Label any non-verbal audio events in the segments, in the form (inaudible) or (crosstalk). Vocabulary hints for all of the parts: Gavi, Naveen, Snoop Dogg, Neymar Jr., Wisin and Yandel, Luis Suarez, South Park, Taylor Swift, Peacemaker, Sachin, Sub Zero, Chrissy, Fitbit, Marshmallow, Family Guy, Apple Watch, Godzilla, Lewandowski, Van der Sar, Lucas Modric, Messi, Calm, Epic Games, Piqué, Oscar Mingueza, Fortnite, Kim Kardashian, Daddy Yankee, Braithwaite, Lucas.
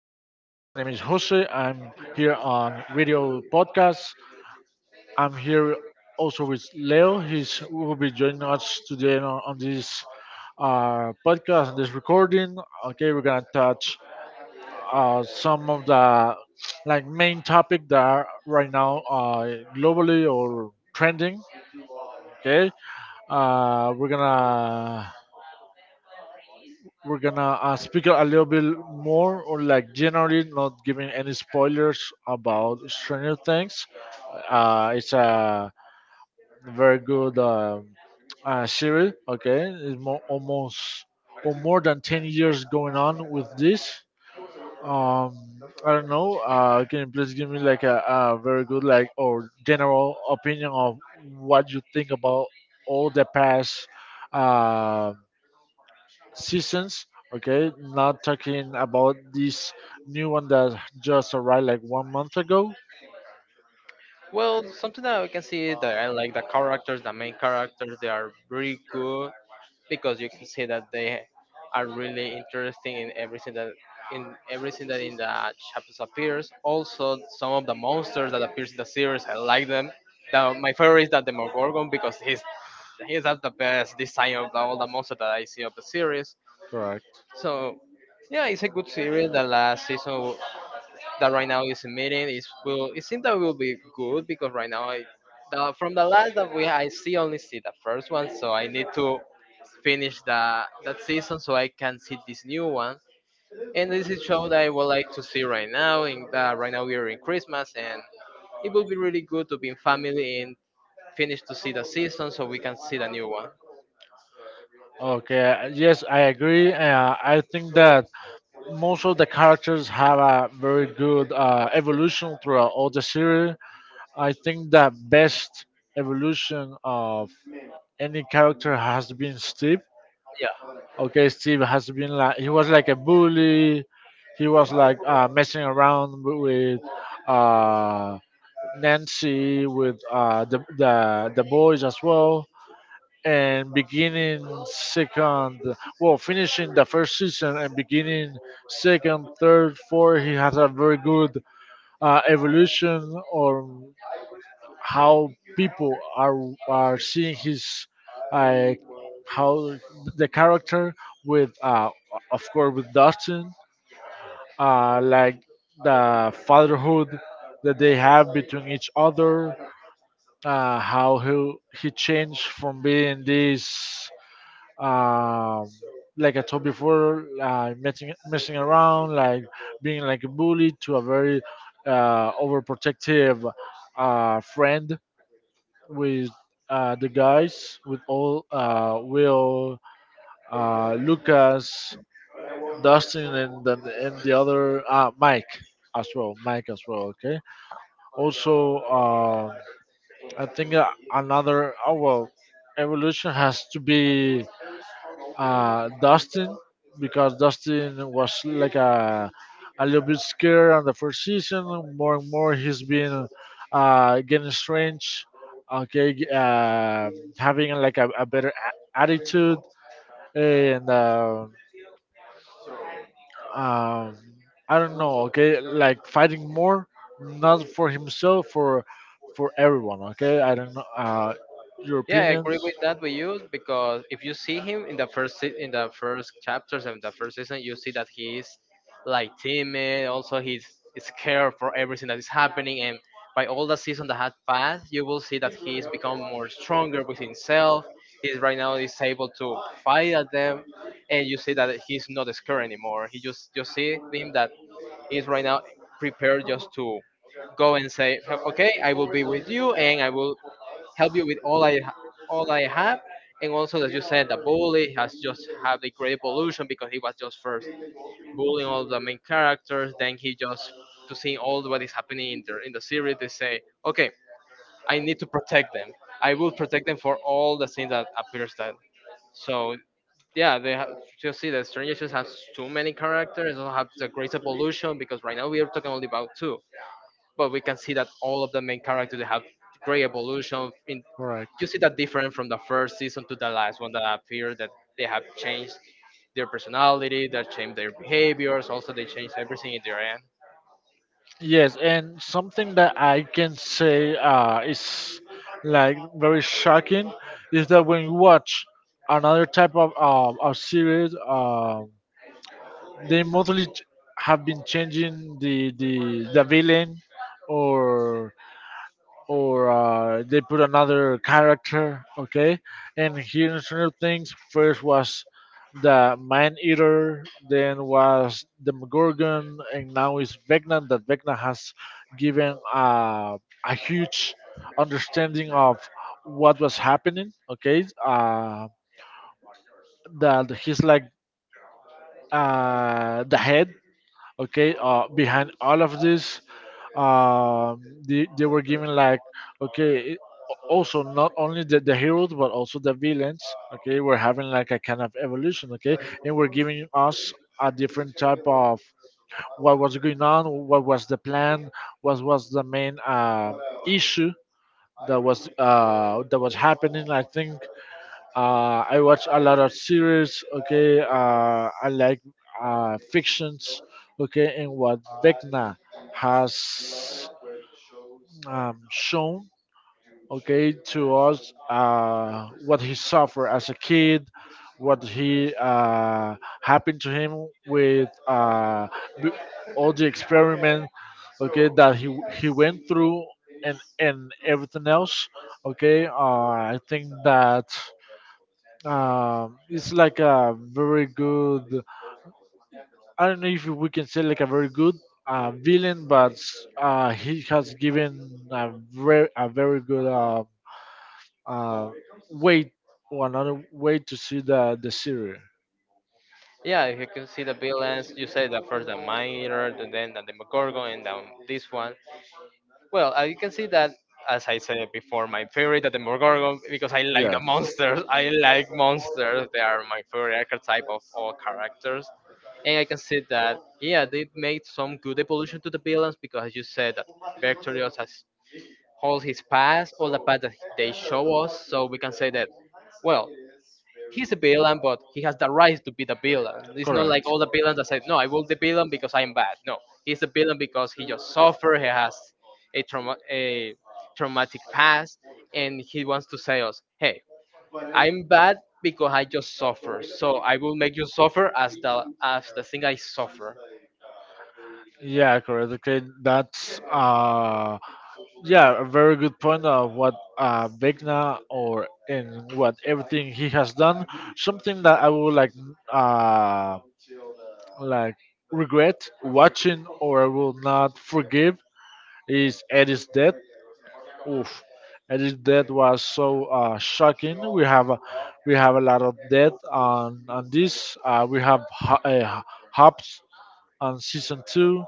Jose. I'm here on radio podcast. I'm here also with Leo. He's will be joining us today on this podcast, on this recording. Okay, we're gonna touch some of the like main topic that are right now globally or trending. Okay, uh, we're gonna we're gonna speak a little bit more on like generally not giving any spoilers about Stranger Things. Uh, it's a very good series. Okay, it's more, almost or more than 10 years going on with this. um I don't know. Can you please give me like a very good like or general opinion of what you think about all the past uh seasons. Okay, not talking about this new one that just arrived like 1 month ago. Well, something that we can see that I like the characters, the main characters, they are very good because you can see that they are really interesting in everything that in everything that in the chapters appears. Also, some of the monsters that appears in the series, I like them. My favorite is the Demogorgon because he's have the best design of all the monsters that I see of the series. Correct. So, yeah, it's a good series. The last season that right now is a meeting. It will. It seems that will be good because from the last that we I see only see the first one, so I need to finish the that season so I can see this new one. And this is show that I would like to see right now. Right now we are in Christmas, and it will be really good to be in family and finish to see the season so we can see the new one. Okay, yes, I agree. I think that most of the characters have a very good evolution throughout all the series. I think the best evolution of any character has been Steve. Yeah. Okay, Steve has been like he was like a bully. He was like messing around with uh, Nancy with the boys as well, and beginning second, well, finishing the first season and beginning second, third, fourth, he has a very good evolution on how people are seeing his uh, how the character with of course with Dustin, like the fatherhood that they have between each other. How he changed from being this, um, like I told before, messing around, like being like a bully, to a very overprotective friend with the guys, with all Will, Lucas, Dustin, and then and the other Mike as well, Mike as well. Okay, also. I think another evolution has to be Dustin, because Dustin was like a little bit scared on the first season. More and more, he's been getting strange. Okay, having like a better attitude and um, I don't know. Okay, like fighting more, not for himself, for everyone. Okay, I don't know. Your Yeah, I opinions? agree with that with you because if you see him in in the first chapters and the first season, you see that he's like timid. Also, he's scared for everything that is happening, and by all the season that had passed, you will see that he's become more stronger with himself. He's right now is able to fight at them, and you see that he's not scared anymore. He just you see him that he's right now prepared just to go and say, okay, I will be with you, and I will help you with all I have. And also, as you said, the bully has just had a great evolution because he was just first bullying all the main characters. Then he just to see all what is happening in the series, they say, okay, I need to protect them. I will protect them for all the things that appears that. So yeah, they have you see that Stranger Things has too many characters. It also have the great evolution because right now we are talking only about two, but we can see that all of the main characters they have great evolution. In Right. you see that different from the first season to the last one that appeared that they have changed their personality, they changed their behaviors, also they changed everything in their end. Yes, and something that I can say is like very shocking is that when you watch another type of series, they mostly have been changing the villain, or they put another character, okay? And here in Stranger Things, first was the Man Eater, then was the Gorgon, and now is Vecna. That Vecna has given a huge understanding of what was happening, okay? That he's like the head, okay, behind all of this. um they were given like okay it, also not only the heroes but also the villains. Okay, we're having like a kind of evolution. Okay, and we're giving us a different type of what was going on, what was the plan, what was the main issue that was happening. I think I watch a lot of series. Okay, I like fictions. Okay, and what Vecna has shown, okay, to us, what he suffered as a kid, what he happened to him with b- all the experiment, okay, that he went through, and everything else. Okay, I think that, it's like a very good, I don't know if we can say like a very good villain, but he has given a very good uh, way, or another way to see the series. Yeah, if you can see the villains, you say that first the miner, and then the Demogorgon, and then this one. Well, you can see that, as I said before, my favorite are the Demogorgon because I like Yeah. the monsters. I like monsters. They are my favorite archetype of all characters. And I can see that, yeah, they made some good evolution to the villains because, as you said, that Vectorious has holds his past, all the past that they show us. So we can say that, well, he's a villain, but he has the right to be the villain. It's not like Correct. all the villains that said, "No, I will the villain because I'm bad." No, he's a villain because he just suffered. He has a trauma, a traumatic past, and he wants to say us, "Hey, I'm bad because I just suffer. So I will make you suffer as the thing I suffer." Yeah, correct. Okay, that's yeah, a very good point of what Vecna or in what everything he has done. Something that I would like, uh, like, regret watching or I will not forgive is Eddie's death. Oof, Eddie's death was so shocking. We have a lot of death on this. We have Hops on season two,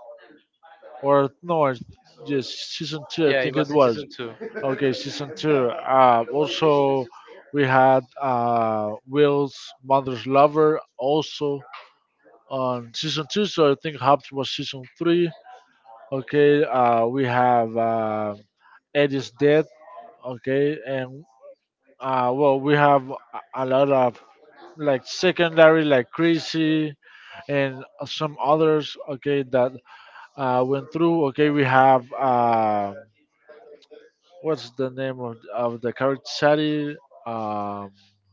or no, it's just season two. I Yeah, it think it was in was. season two. Okay, season two. Also, we had Will's Mother's Lover also on season two, so I think Hobbs was season three. Okay, we have Eddie's death. Okay, and well, we have a lot of like secondary, like Crazy, and some others. Okay, that went through. Okay, we have. What's the name of the character? Shadi, Um,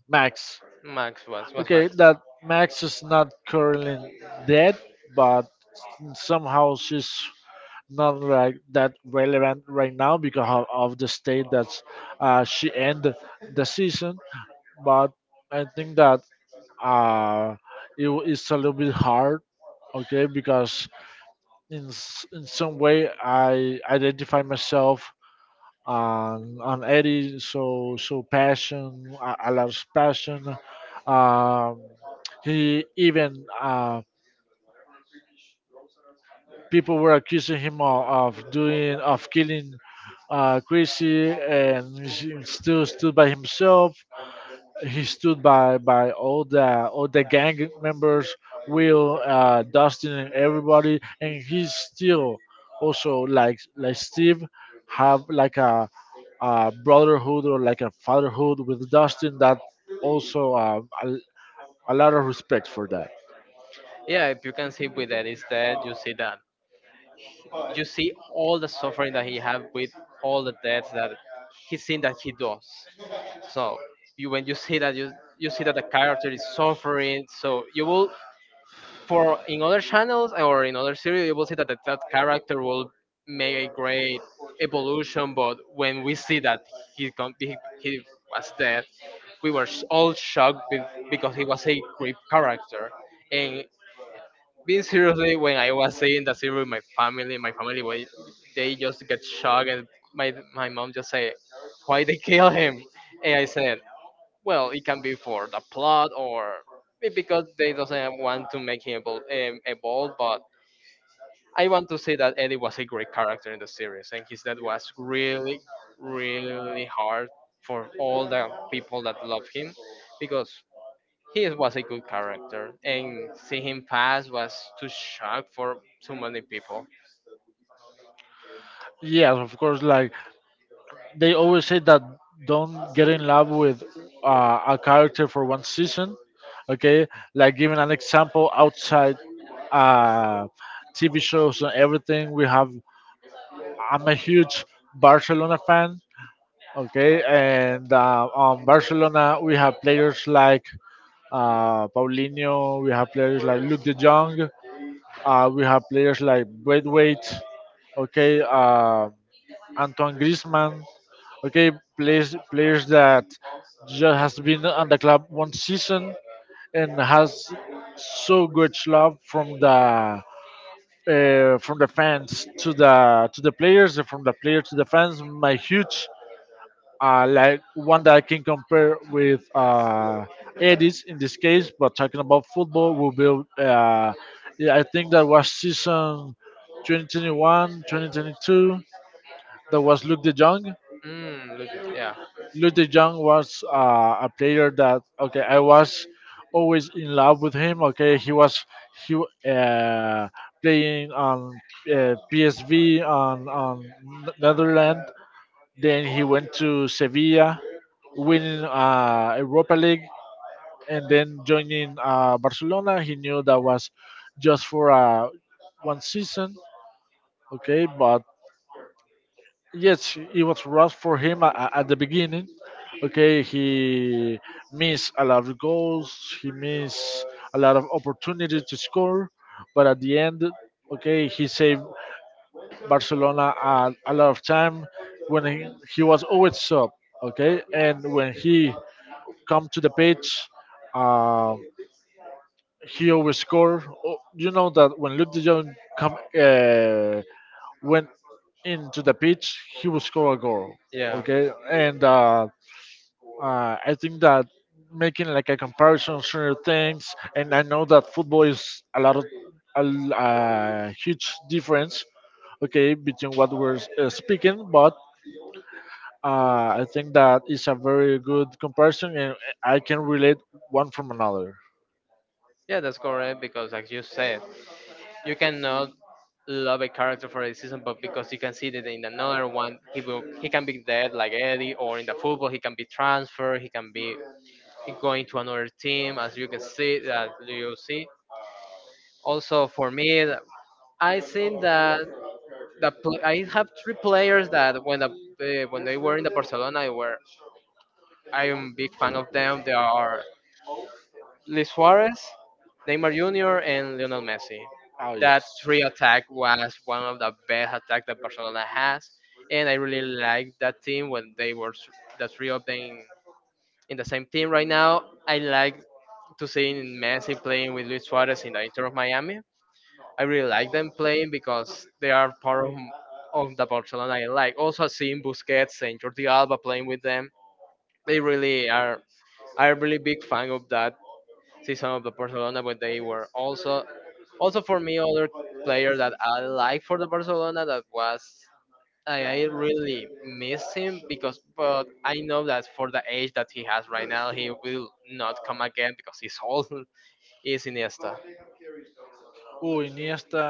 Max. Max was Okay, Max. that Max is not currently dead, but somehow she's not like that relevant right now because of the state that she ended the season. But I think that uh, it's a little bit hard, okay, because in some way I identify myself and Eddie so so passion, a lot of passion. Um, he even people were accusing him of doing of killing Chrissy, and he still stood by himself. He stood by all the gang members, Will, Dustin, and everybody, and he's still also like Steve, have like a brotherhood or like a fatherhood with Dustin, that also a lot of respect for that. Yeah, if you can see with that, is that you see all the suffering that he had with all the deaths that he seen that he does. So you when you see that you see that the character is suffering, so you will. For in other channels or in other series, you will see that that character will make a great evolution, but when we see that he was dead, all shocked because he was a great character. And being seriously, when I was seeing that series with my family, they just get shocked, and my mom just say, "Why they kill him?" And I said, well, it can be for the plot or maybe because they doesn't want to make him evolve. But I want to say that Eddie was a great character in the series, and his death was really, really hard for all the people that love him, because he was a good character, and see him pass was too shock for too many people. Yes, of course. Like, they always say that don't get in love with a character for one season. Okay, like giving an example outside uh, TV shows and everything. We have. I'm a huge Barcelona fan. Okay, and on Barcelona we have players like Paulinho. We have players like Luke de Jong. We have players like Braithwaite. Okay, Antoine Griezmann. Okay, players that just has been on the club one season and has so good love from the fans to the players and from the player to the fans. My huge like one that I can compare with Edis in this case, but talking about football will be uh, yeah, I think that was season 2021, 2022. That was Luke De Jong. Mm, look, Luke de Jong was a player that, okay, I was always in love with him. Okay, he was he playing on PSV on Netherlands. Then he went to Sevilla, winning Europa League, and then joining Barcelona. He knew that was just for one season. Okay, but yes, it was rough for him at the beginning. Okay, he missed a lot of goals. He missed a lot of opportunities to score, but at the end, okay, he saved Barcelona a lot of time when he was always sub. Okay, and when he come to the pitch, uh, he always score. Oh, you know that when Luke de Jong come when into the pitch, he will score a goal. yeah, Okay, yeah. and I think that making like a comparison certain things, and I know that football is a lot of huge difference. Okay, between what we're speaking, but I think that is a very good comparison, and I can relate one from another. Yeah, that's correct because, as you said, you cannot love a character for a season, but because you can see that in another one, he will he can be dead like Eddie, or in the football he can be transferred, he can be going to another team, as you can see that you see. Also, for me, I think that I have three players that when they were in the Barcelona, I were I am big fan of them. They are Luis Suarez, Neymar Jr., and Lionel Messi. Oh That yes. three attack was one of the best attack that Barcelona has, and I really like that team when they were the three of them in the same team right now. I like to see Messi playing with Luis Suarez in the Inter of Miami. I really like them playing because they are part of the Barcelona I like. Also, seeing Busquets and Jordi Alba playing with them, they really are. I'm a really big fan of that season of the Barcelona, but they were also for me other player that I like for the Barcelona that was I really miss him because but I know that for the age that he has right now he will not come again because he's old (laughs) is Iniesta. Oh, Iniesta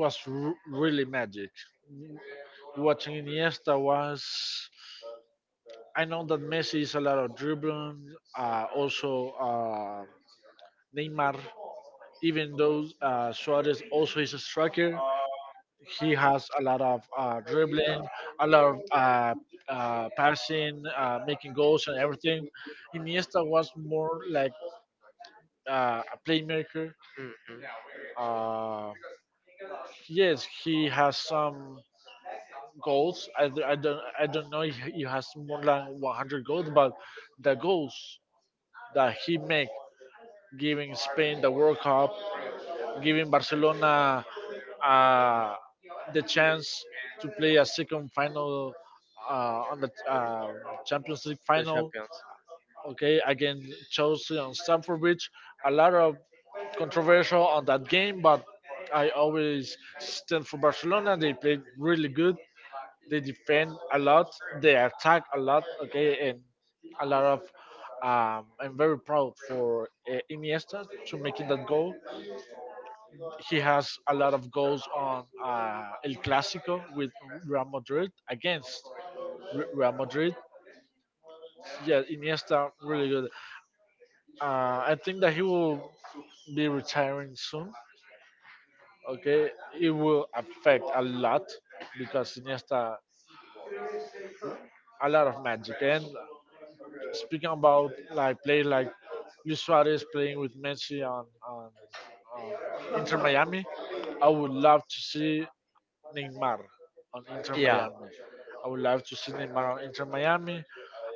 was really magic. Watching Iniesta was, I know that Messi is a lot of dribbling. Neymar, even though Suarez also is a striker, he has a lot of dribbling, a lot of passing, making goals and everything. Iniesta was more like a playmaker. Mhm. Uh, yes, he has some goals. I don't know if he has more than 100 goals, but the goals that he make giving Spain the World Cup, giving Barcelona uh, the chance to play a second final on the Champions League The final. champions. Okay, again Chelsea on Stamford Bridge. A lot of controversial on that game, but I always stand for Barcelona. They played really good. They defend a lot. They attack a lot. Okay, and a lot of. I'm very proud for Iniesta to making that goal. He has a lot of goals on El Clásico with Real Madrid against Real Madrid. Yeah, Iniesta really good. I think that he will be retiring soon. Okay, it will affect a lot because Iniesta a lot of magic and speaking about like play like Luis Suarez playing with Messi on Inter Miami, I would love to see Neymar on Inter Yeah, Miami. I would love to see Neymar on Inter Miami.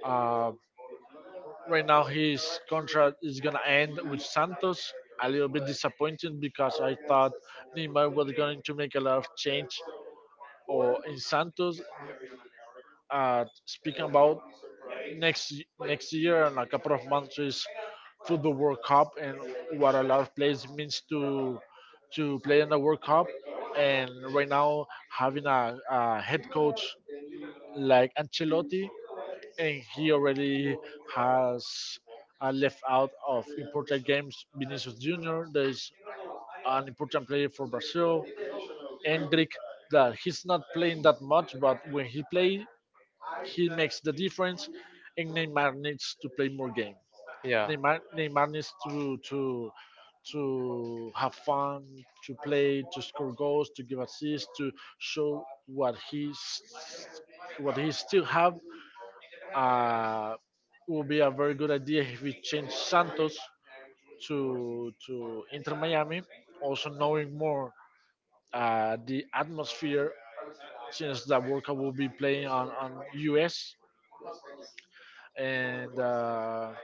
Uh, right now, his contract is gonna end with Santos. A little bit disappointing because I thought Neymar was going to make a lot of change or in Santos. Speaking about next year and a couple of months is football World Cup and what a lot of players means to play in the World Cup. And right now having a head coach like Ancelotti, and he already has left out of important games Vinicius Junior. There is an important player for Brazil, Endrick, that he's not playing that much, but when he plays, he makes the difference, and Neymar needs to play more games. yeah, yeah, Neymar needs (laughs) to to have fun, to play, to score goals, to give assists, to show what he's what he still have. Uh, would be a very good idea if we change Santos to Inter Miami. Also knowing more the atmosphere, since the World Cup will be playing on US and.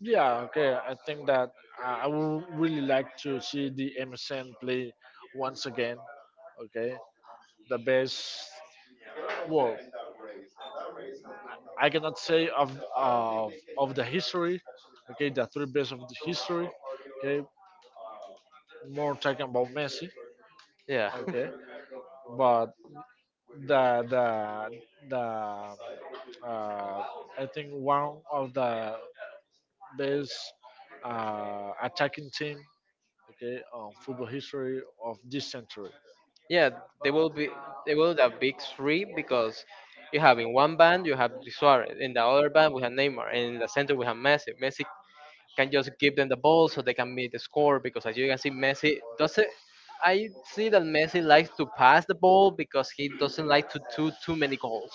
Yeah, okay. I think that I would really like to see the MSN play once again. Okay, the best. Well, I cannot say of of the history. Okay, the three best of the history. Okay, more talking about Messi. Okay, but the the the uh, I think one of the best attacking team. Okay, on football history of this century. yeah. They will be they will the big three because you have in one band you have Suarez, in the other band we have Neymar, and in the center we have Messi. Messi can just give them the ball so they can make the score. Because as you can see, Messi doesn't. I see that Messi likes to pass the ball because he doesn't like to do too many goals.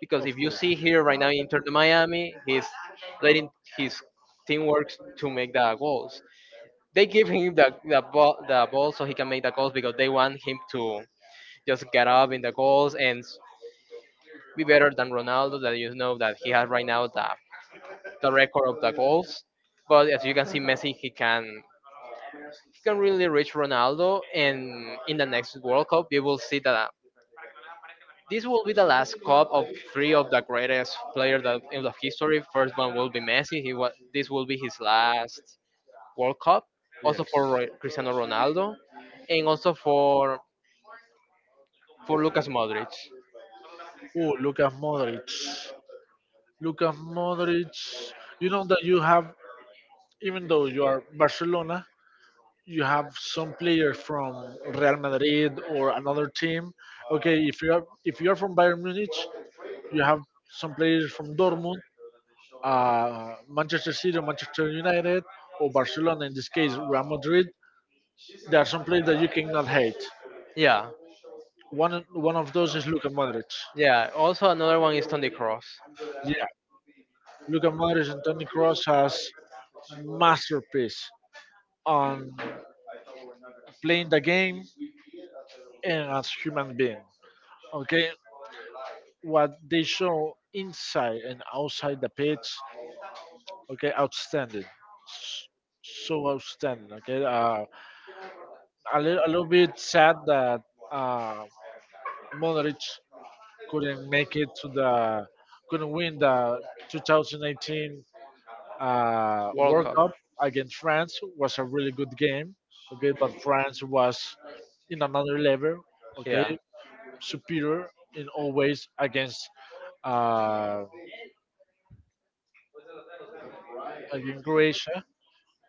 Because Of if you course. see here right now in Inter de Miami, he's letting his team works to make the goals. They give him the ball so he can make the goals because they want him to just get up in the goals and be better than Ronaldo. That you know that he has right now the record of the goals. But as you can see, Messi he can really reach Ronaldo, and in the next World Cup, you will see that this will be the last cup of three of the greatest players that in the history. First one will be Messi. He was this will be his last World Cup, also Yes. for Cristiano Ronaldo, and also for Lucas Modric. Oh, look Modric. Look Modric. You know that you have, even though you are Barcelona, you have some players from Real Madrid or another team. Okay, if you are from Bayern Munich, you have some players from Dortmund, Manchester City or Manchester United or Barcelona, in this case Real Madrid, there are some players that you cannot hate. Yeah, One of those is Luka Modric. yeah. Also another one is Toni Kroos. Yeah, Luka Modric and Toni Kroos has masterpiece on playing the game and as human being. Okay, what they show inside and outside the pitch. Okay, outstanding. S- So outstanding. Okay, a little bit sad that uh, Modric couldn't make it to the couldn't win the 2018 World World Cup. Cup against France was a really good game. Okay, but France was in another level. Okay, Yeah, superior in all ways against uh, against Croatia.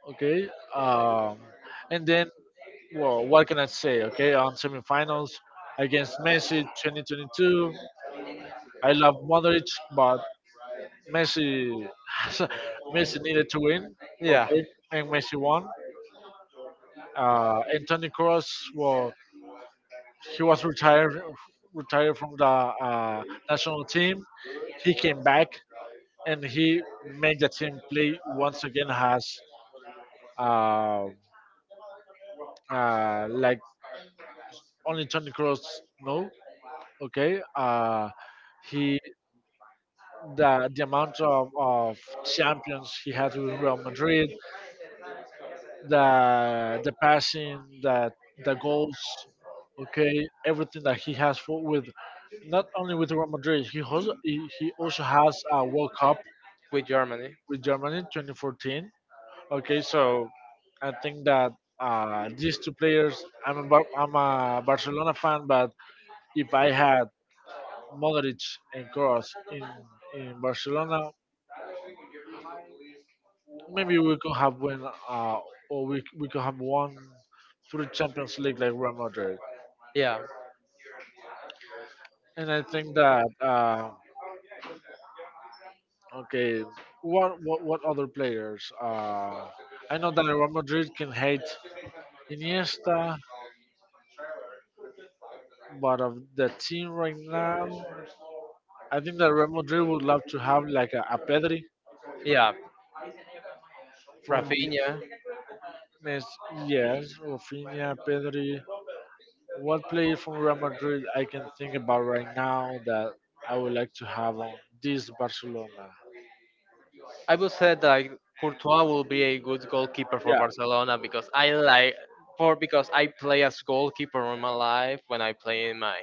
Okay, um, and then well, what can I say? Okay, on semifinals against Messi 2022. I love Modric, but Messi (laughs) Messi needed to win, yeah, okay, and Messi won. Anthony Cross, well, he was retired from the national team. He came back and he made the team play once again as uh, like only Tony Cross know, okay. He the amount of champions he had with Real Madrid, the passing, that the goals, okay, everything that he has for with not only with Real Madrid, he also has a World Cup with Germany. with Germany 2014. Okay, so I think that these two players, I'm I'm a Barcelona fan, but if I had Modric and Kroos in Barcelona, maybe we could have won, or we could have won through Champions League like Real Madrid. Yeah, And I think that okay, what other players? I know that Real Madrid can hate Iniesta, but of the team right now, I think that Real Madrid would love to have like a Pedri yeah, from the Rafinha. Mes. Yes, Rafinha, Pedri. What player from Real Madrid I can think about right now that I would like to have on this Barcelona? I would say that like, Courtois will be a good goalkeeper for Yeah, Barcelona because I like for because I play as goalkeeper in my life when I play in my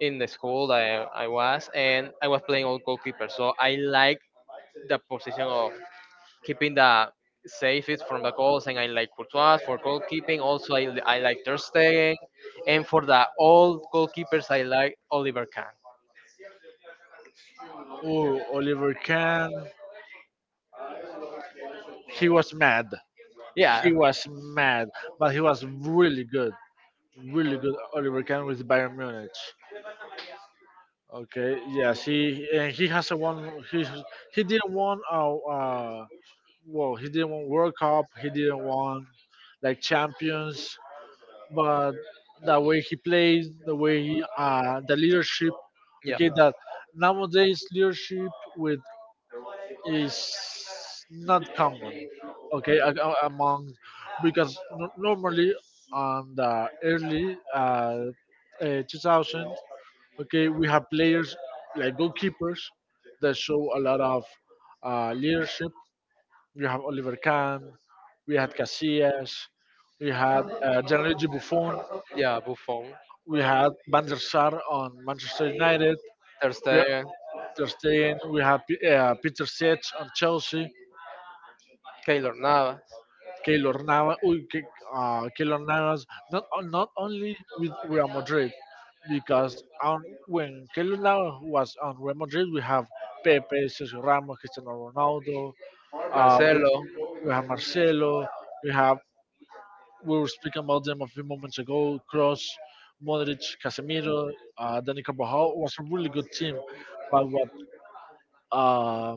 in the school I was and I was playing all goalkeeper so I like the position of keeping the safest from the goals, and I like Courtois for goalkeeping. Also, I like Ter Stegen, and for the old goalkeepers, I like Oliver Kahn. oh, Oliver Kahn. He was mad. Yeah, He was mad, but he was really good, really good. Oliver Kahn with Bayern Munich. Okay, yes, he and he hasn't won. He didn't won. Well, he didn't won World Cup. He didn't won like champions. But the way he plays, the way he, the leadership. yeah, Okay, that nowadays leadership with is not common, okay, among because normally on the early 2000, okay, we have players like goalkeepers that show a lot of leadership. We have Oliver Kahn, we had Casillas, we had Gianluigi Buffon, yeah. Buffon, we had Van der Sar on Manchester United, Ter we had Stegen, Ter Stegen, we had Peter Sech on Chelsea. Keylor Navas, Keylor Navas, uy, que, Keylor Navas, not only with Real Madrid, because on when Keylor Navas was on Real Madrid, we have Pepe, Sergio Ramos, Cristiano Ronaldo, uh, we, Marcelo, we have Marcelo, we have we were speaking about them a few moments ago, Cross, Modric, Casemiro, Dani Carvajal was a really good team, but what uh,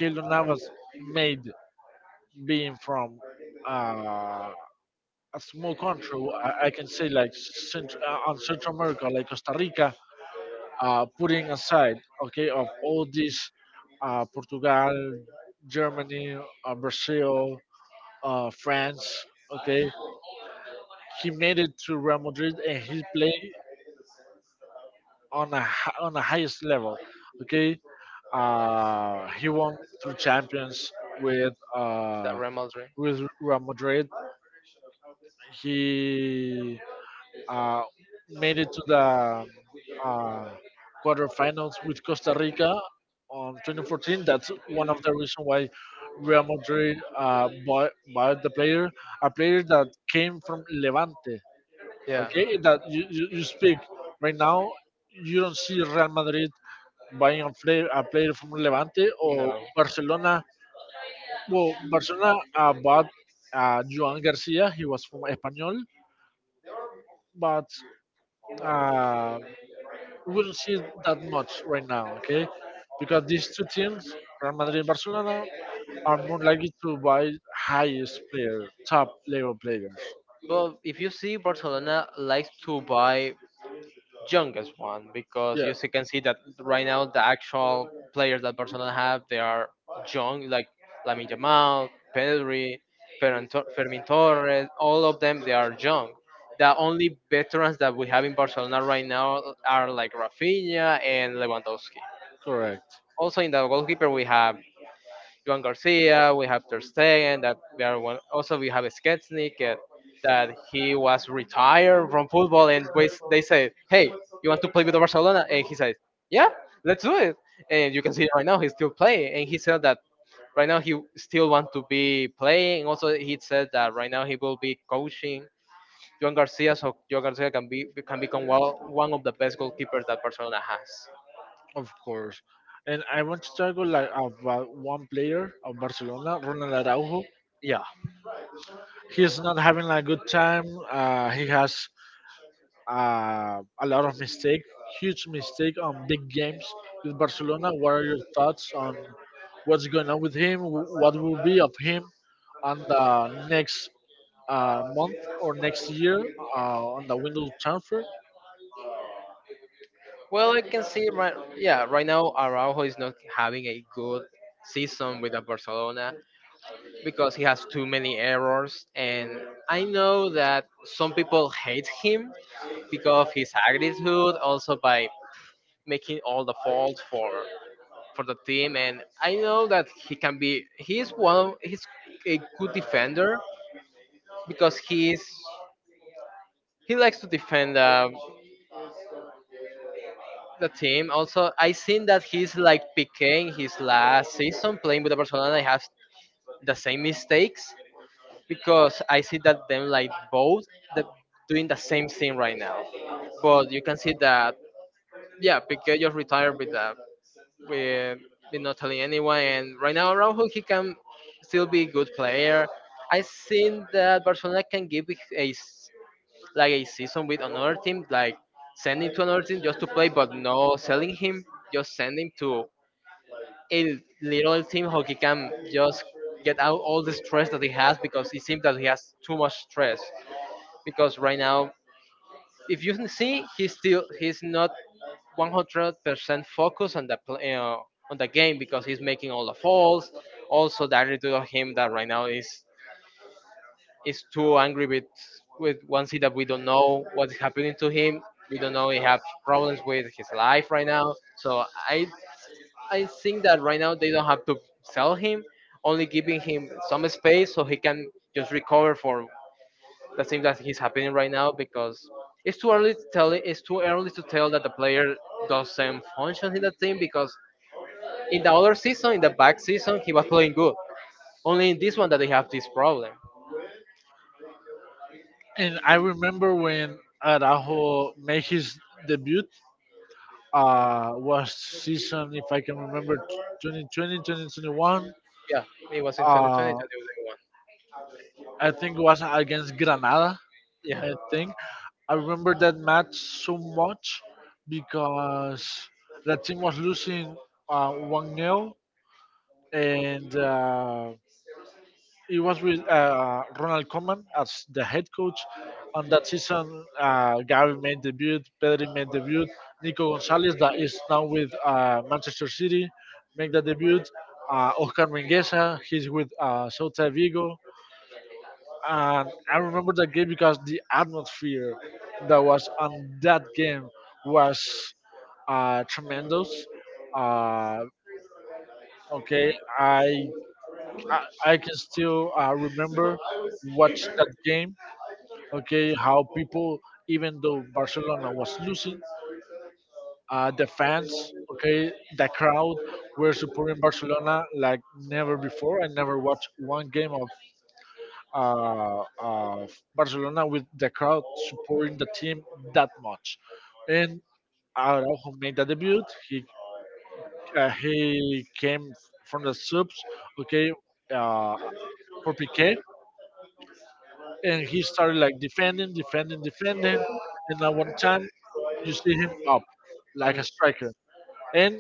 Keylor Navas made being from uh, a small country, I can say like Central, on Central America, like Costa Rica, putting aside, okay, of all these, Portugal, Germany, Brazil, France, okay, he made it to Real Madrid and he played on on the highest level, okay. He won two champions with the uh, Real Madrid. with Real Madrid. He uh, made it to the um, uh, quarterfinals with Costa Rica on 2014. That's one of the reasons why Real Madrid bought the player, a player that came from Levante. Yeah, Okay, that you speak right now, you don't see Real Madrid buying a player from Levante or no. Barcelona. Well, Barcelona bought Joan Garcia. He was from Espanyol, but uh, we don't see it that much right now, okay? Because these two teams, Real Madrid and Barcelona, are more likely to buy highest player, top level players. Well, if you see, Barcelona likes to buy youngest one because Yeah, can see that right now the actual players that Barcelona have they are young, like Lamine Yamal, Pedri, Fermin Torres. All of them they are young. The only veterans that we have in Barcelona right now are like Rafinha and Lewandowski. correct, Also in the goalkeeper we have Juan Garcia, we have Ter Stegen, that they are one. Also, we have Sketsnik, that he was retired from football, and we, they said, "Hey, you want to play with Barcelona?" And he said, "Yeah, let's do it." And you can see right now he's still playing, and he said that right now he still wants to be playing. Also, he said that right now he will be coaching Juan Garcia, so Juan Garcia can be can become one of the best goalkeepers that Barcelona has. of course. And I want to talk like about one player of Barcelona, Ronald Araujo. Yeah. He's not having a good time. He has a lot of mistake, huge mistake on big games with Barcelona. What are your thoughts on what's going on with him? What will be of him on the next month or next year on the window transfer? Well, I can see right, yeah, right now Araujo is not having a good season with the Barcelona because he has too many errors, and I know that some people hate him because of his attitude, also by making all the fault for the team, and I know that he can be. He's one. He's a good defender because he likes to defend. The team. Also, I seen that he's like Piqué in his last season playing with the Barcelona, and has the same mistakes because I see that them like both the, doing the same thing right now. But you can see that yeah, Piqué just retired with with, with not telling anyone, and right now Araujo he can still be a good player. I seen that Barcelona can give a s- like a season with another team, like sending to another team just to play, but no selling him, just send him to a little team how he can just get out all the stress that he has because it seems that he has too much stress. Because right now, if you can see, he's not 100% focused on the play, on the game because he's making all the falls. Also, the attitude of him that right now is too angry with one thing that we don't know what's happening to him. We don't know he has problems with his life right now. So I think that right now they don't have to sell him, only giving him some space so he can just recover from the thing that is happening right now because it's too early to tell, it's too early to tell that the player doesn't function in the team because in the other season, in the back season, he was playing good. Only in this one that they have this problem. And I remember when Araujo made his debut. Was season if I can remember twenty twenty twenty twenty one. 2021, Yeah, it was in 2020, uh, 2021. I think it was against Granada. Yeah. I Mm. think I remember that match so much because the team was losing 1 nil, and it was with Ronald Koeman as the head coach. On that season, Gavi made debut, Pedri made debut, Nico Gonzalez, that is now with Manchester City, make the debut. Oscar Mingueza, he's with Celta Vigo, and I remember that game because the atmosphere that was on that game was tremendous. Uh, okay, I, I can still remember watch that game. Okay, how people, even though Barcelona was losing, the fans, okay, the crowd were supporting Barcelona like never before. I never watched one game of Barcelona with the crowd supporting the team that much. And Araujo made the debut. He he came from the subs, okay, uh, for Piqué, and he started like defending. And at one time, you see him up like a striker. And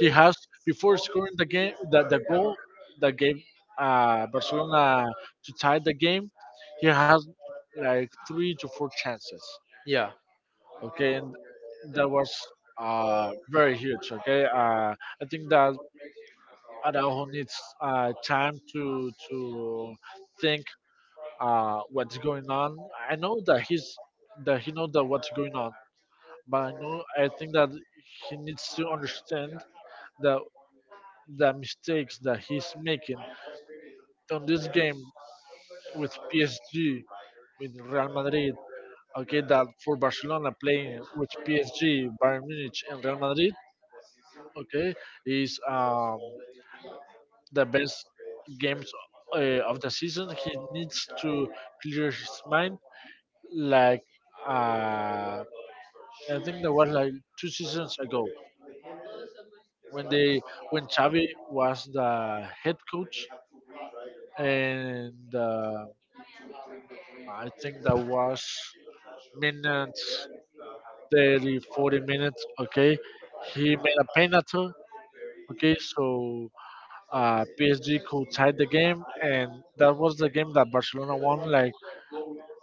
he has before scoring the game that the goal that gave Barcelona to tie the game. He has like three to four chances. Yeah, Okay, and that was very huge. Okay, I think that Araujo needs time to think what's going on. I know that he's that he knows that what's going on, but I think that he needs to understand that the mistakes that he's making on this game with PSG, with Real Madrid. Okay, that for Barcelona playing with PSG, Bayern Munich, and Real Madrid. Okay, is the best games of the season. He needs to clear his mind. Like uh, I think that was like two seasons ago when they when Xavi was the head coach and. I think that was minutes, 30, 40 minutes, okay? He made a penalty, okay? So PSG could tie the game, and that was the game that Barcelona won, like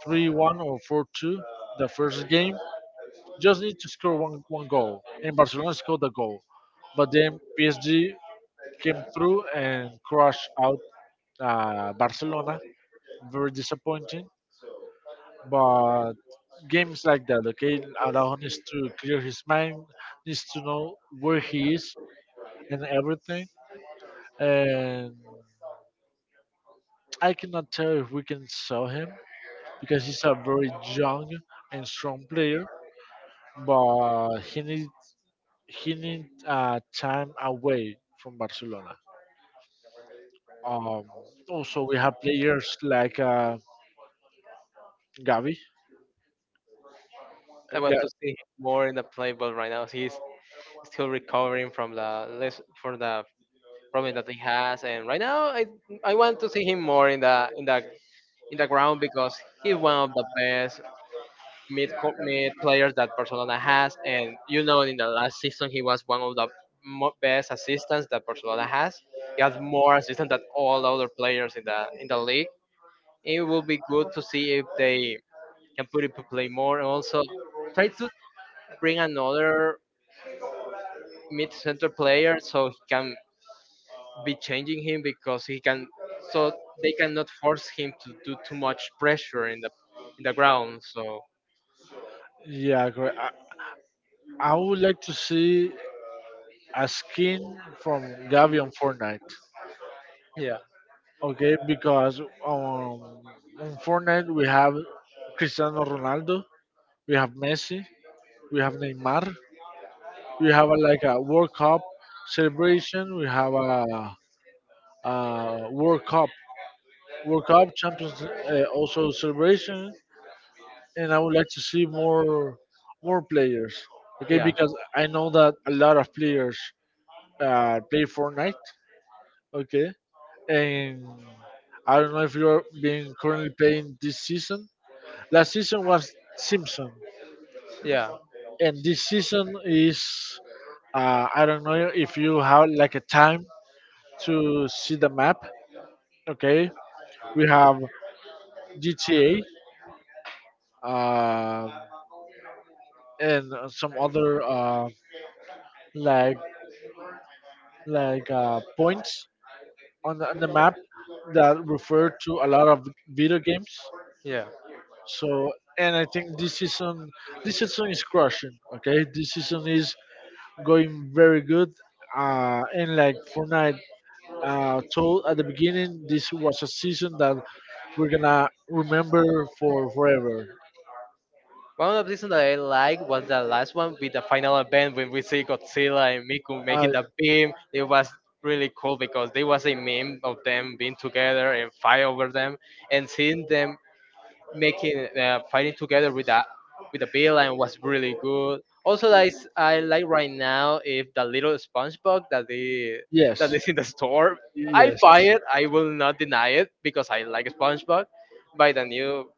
3-1 or 4-2, the first game. Just need to score one goal, and Barcelona scored the goal. But then PSG came through and crushed out Barcelona. Very disappointing, but games like that, okay, allow him to clear his mind, needs to know where he is and everything. And I cannot tell if we can sell him because he's a very young and strong player, but he need time away from Barcelona. Um, also, we have players like Gavi. Uh, I want to Ga- see more in the playbook right now. He's still recovering from from the problem that he has, and right now I want to see him more in the in the ground because he's one of the best mid players that Barcelona has, and you know in the last season he was one of the best assistants that Barcelona has. He has more assistants than all other players in the league. It will be good to see if they can put it to play more, and also try to bring another mid center player so he can be changing him because he can, so they cannot force him to do too much pressure in the ground so yeah, correct. I would like to see a skin from Gavi on Fortnite. yeah, Okay, because um, on Fortnite we have Cristiano Ronaldo, we have Messi, we have Neymar, we have like a World Cup celebration, we have a World Cup, World Cup Champions also celebration, and I would like to see more players. Okay, yeah, because I know that a lot of players play Fortnite. Okay, and I don't know if you're being currently playing this season. Last season was Simpson, yeah, and this season is I don't know if you have like a time to see the map. Okay, we have GTA uh, and some other like points on on the map that refer to a lot of video games. yeah. So and I think this season is crushing. Okay, this season is going very good. And like Fortnite told at the beginning, this was a season that we're gonna remember for forever. One of the reasons that I like was the last one with the final event when we see Godzilla and Miku Uh, making the beam. It was really cool because there was a meme of them being together and fight over them and seeing them making fighting together with that with the bill, and was really good. Also, that is, I like right now if the little SpongeBob that they that yes, is in the store, yes, I yes, buy it. I will not deny it because I like SpongeBob. By the new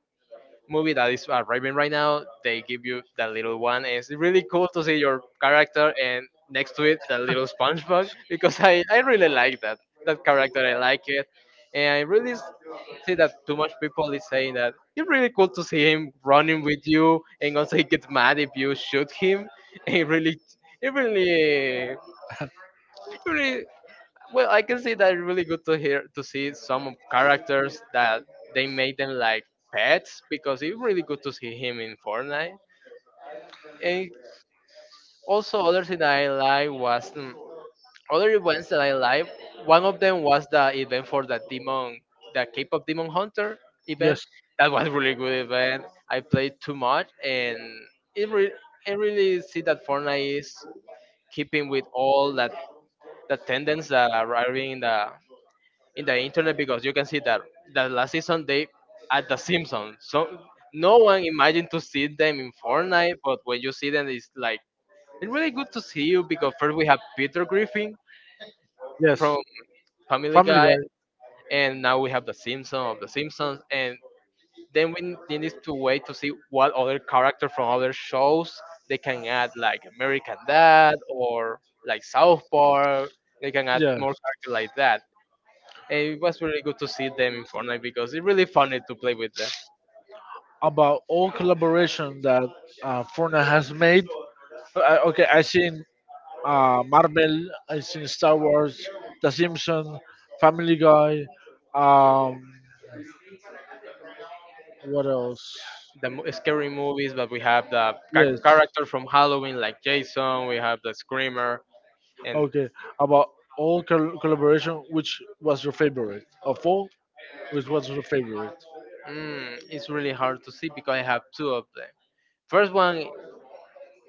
movie that is arriving right now, they give you that little one, and it's really cool to see your character and next to it the little SpongeBob (laughs) because I really like that character. I like it, and I really see that too much people is saying that it's really cool to see him running with you, and also he gets mad if you shoot him. (laughs) And it really, it really, it really. Well, I can see that it's really good to see some characters that they made them like pets because it's really good to see him in Fortnite. And also, other thing that I like was other events that I like. One of them was the event for the demon, the K-pop Demon Hunter event. yes. That was really good event. I played too much, and it re- I really see that Fortnite is keeping with all that the tendencies that are arriving in the internet because you can see that last season they at the Simpsons. So no one imagined to see them in Fortnite, but when you see them, it's like it's really good to see you because first we have Peter Griffin from Family Family Guy, Guy. and now we have the Simpson of the Simpsons, and then we need to wait to see what other character from other shows they can add, like American Dad or like South Park. They can add Yeah, more character like that. It was really good to see them in Fortnite because it's really funny to play with them. about all collaboration that Fortnite has made. Okay, I seen Marvel, I seen Star Wars, The Simpsons, Family Guy. Um, what else? The scary movies, but we have the Yes. Character from Halloween like Jason, we have the Screamer, and Okay. About all collaboration, which was your favorite of all? Which was your favorite? It's really hard to see because I have two of them. First one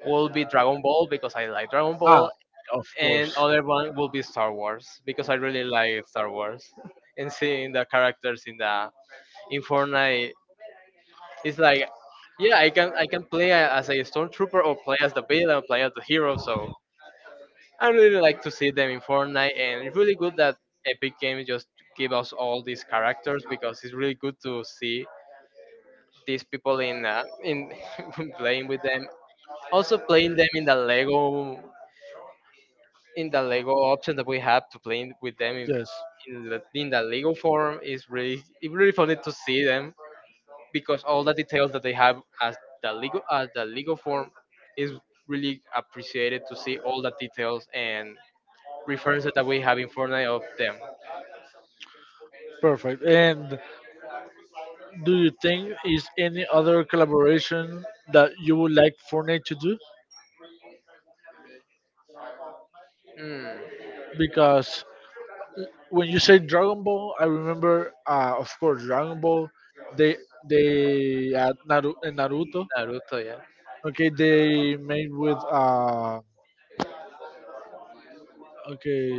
will be Dragon Ball because I like Dragon Ah, Ball, of and course. other one will be Star Wars because I really like Star Wars. (laughs) And seeing the characters in the in Fortnite, it's like yeah, I can play as a stormtrooper or play as the villain, play as the hero. So Yes. I really like to see them in Fortnite, and it's really good that Epic Games just give us all these characters because it's really good to see these people in (laughs) playing with them. Also playing them in the Lego option that we have to play with them in in the Lego form is really, it's really funny to see them because all the details that they have as the Lego form is really appreciated to see all the details and references that we have in Fortnite of them. Perfect. And do you think is any other collaboration that you would like Fortnite to do? Mm, Because when you say Dragon Ball, I remember, of course, Dragon Ball. They Naruto. Naruto, yeah. Okay, they made with okay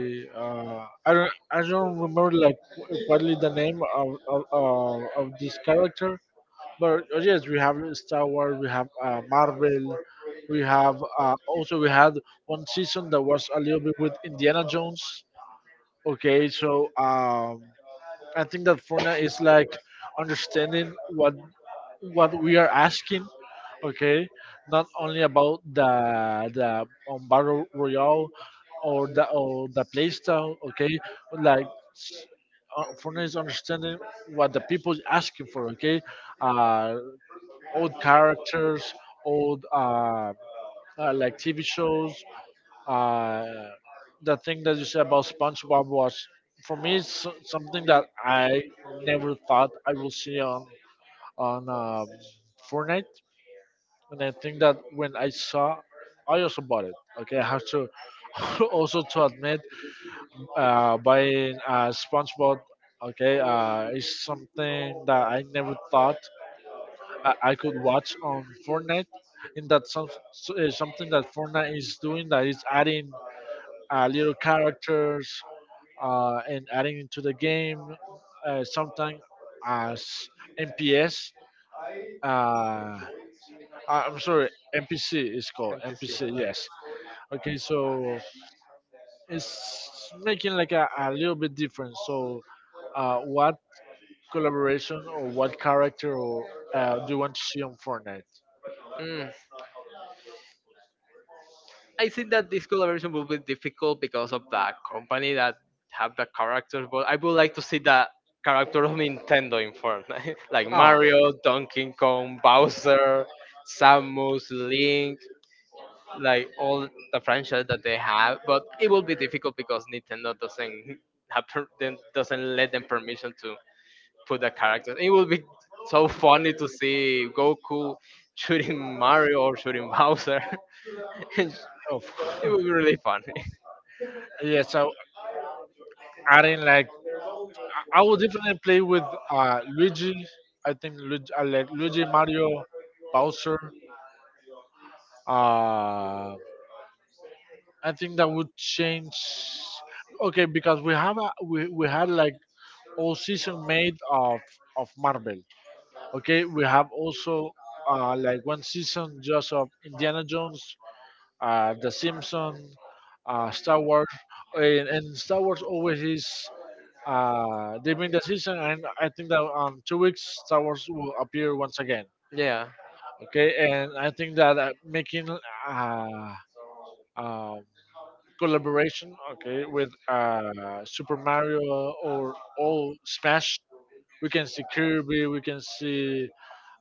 I don't remember like what is the name of this character. But yes, we have Star Wars, we have Marvel, we have also we had one season that was a little bit with Indiana Jones. Okay, so I think that Fortnite is like understanding what we are asking. Okay, not only about the battle royale or the playstyle. Okay, like s- Fortnite is understanding what the people is asking for. Okay, uh, old characters, old, like TV shows. Uh, the thing that you said about SpongeBob was, for me, it's so, something that I never thought I will see on Fortnite. And I think that when I saw, I also bought it. Okay, I have to (laughs) also to admit, buying SpongeBob. Okay, is something that I never thought I could watch on Fortnite, and that's something that Fortnite is doing that is adding little characters and adding into the game, sometimes as NPS. Uh, I'm sorry, NPC is called Let's NPC. Yes. Okay, so it's making like a little bit different. So, what collaboration or what character, do you want to see on Fortnite? mm, I think that this collaboration will be difficult because of the company that have the characters, but I would like to see the character of Nintendo in Fortnite, (laughs) like Oh, Mario, Donkey Kong, Bowser, Samus, Link, like all the franchise that they have. But it will be difficult because Nintendo doesn't have doesn't let them permission to put the character. It will be so funny to see Goku shooting Mario or shooting Bowser. (laughs) It of. will be really funny. Yeah, so adding like I will definitely play with Luigi. I think Luigi, I like Luigi, Mario, Bowser. Uh, I think that would change. Okay, because we have a, we had like all season made of Marvel. Okay, we have also like one season just of Indiana Jones, The Simpsons, Star Wars, and Star Wars always is. They've been the season, and I think that on two weeks Star Wars will appear once again. Yeah, Okay, and I think that making uh, um, collaboration, okay, with Super Mario or all Smash, we can see Kirby, we can see.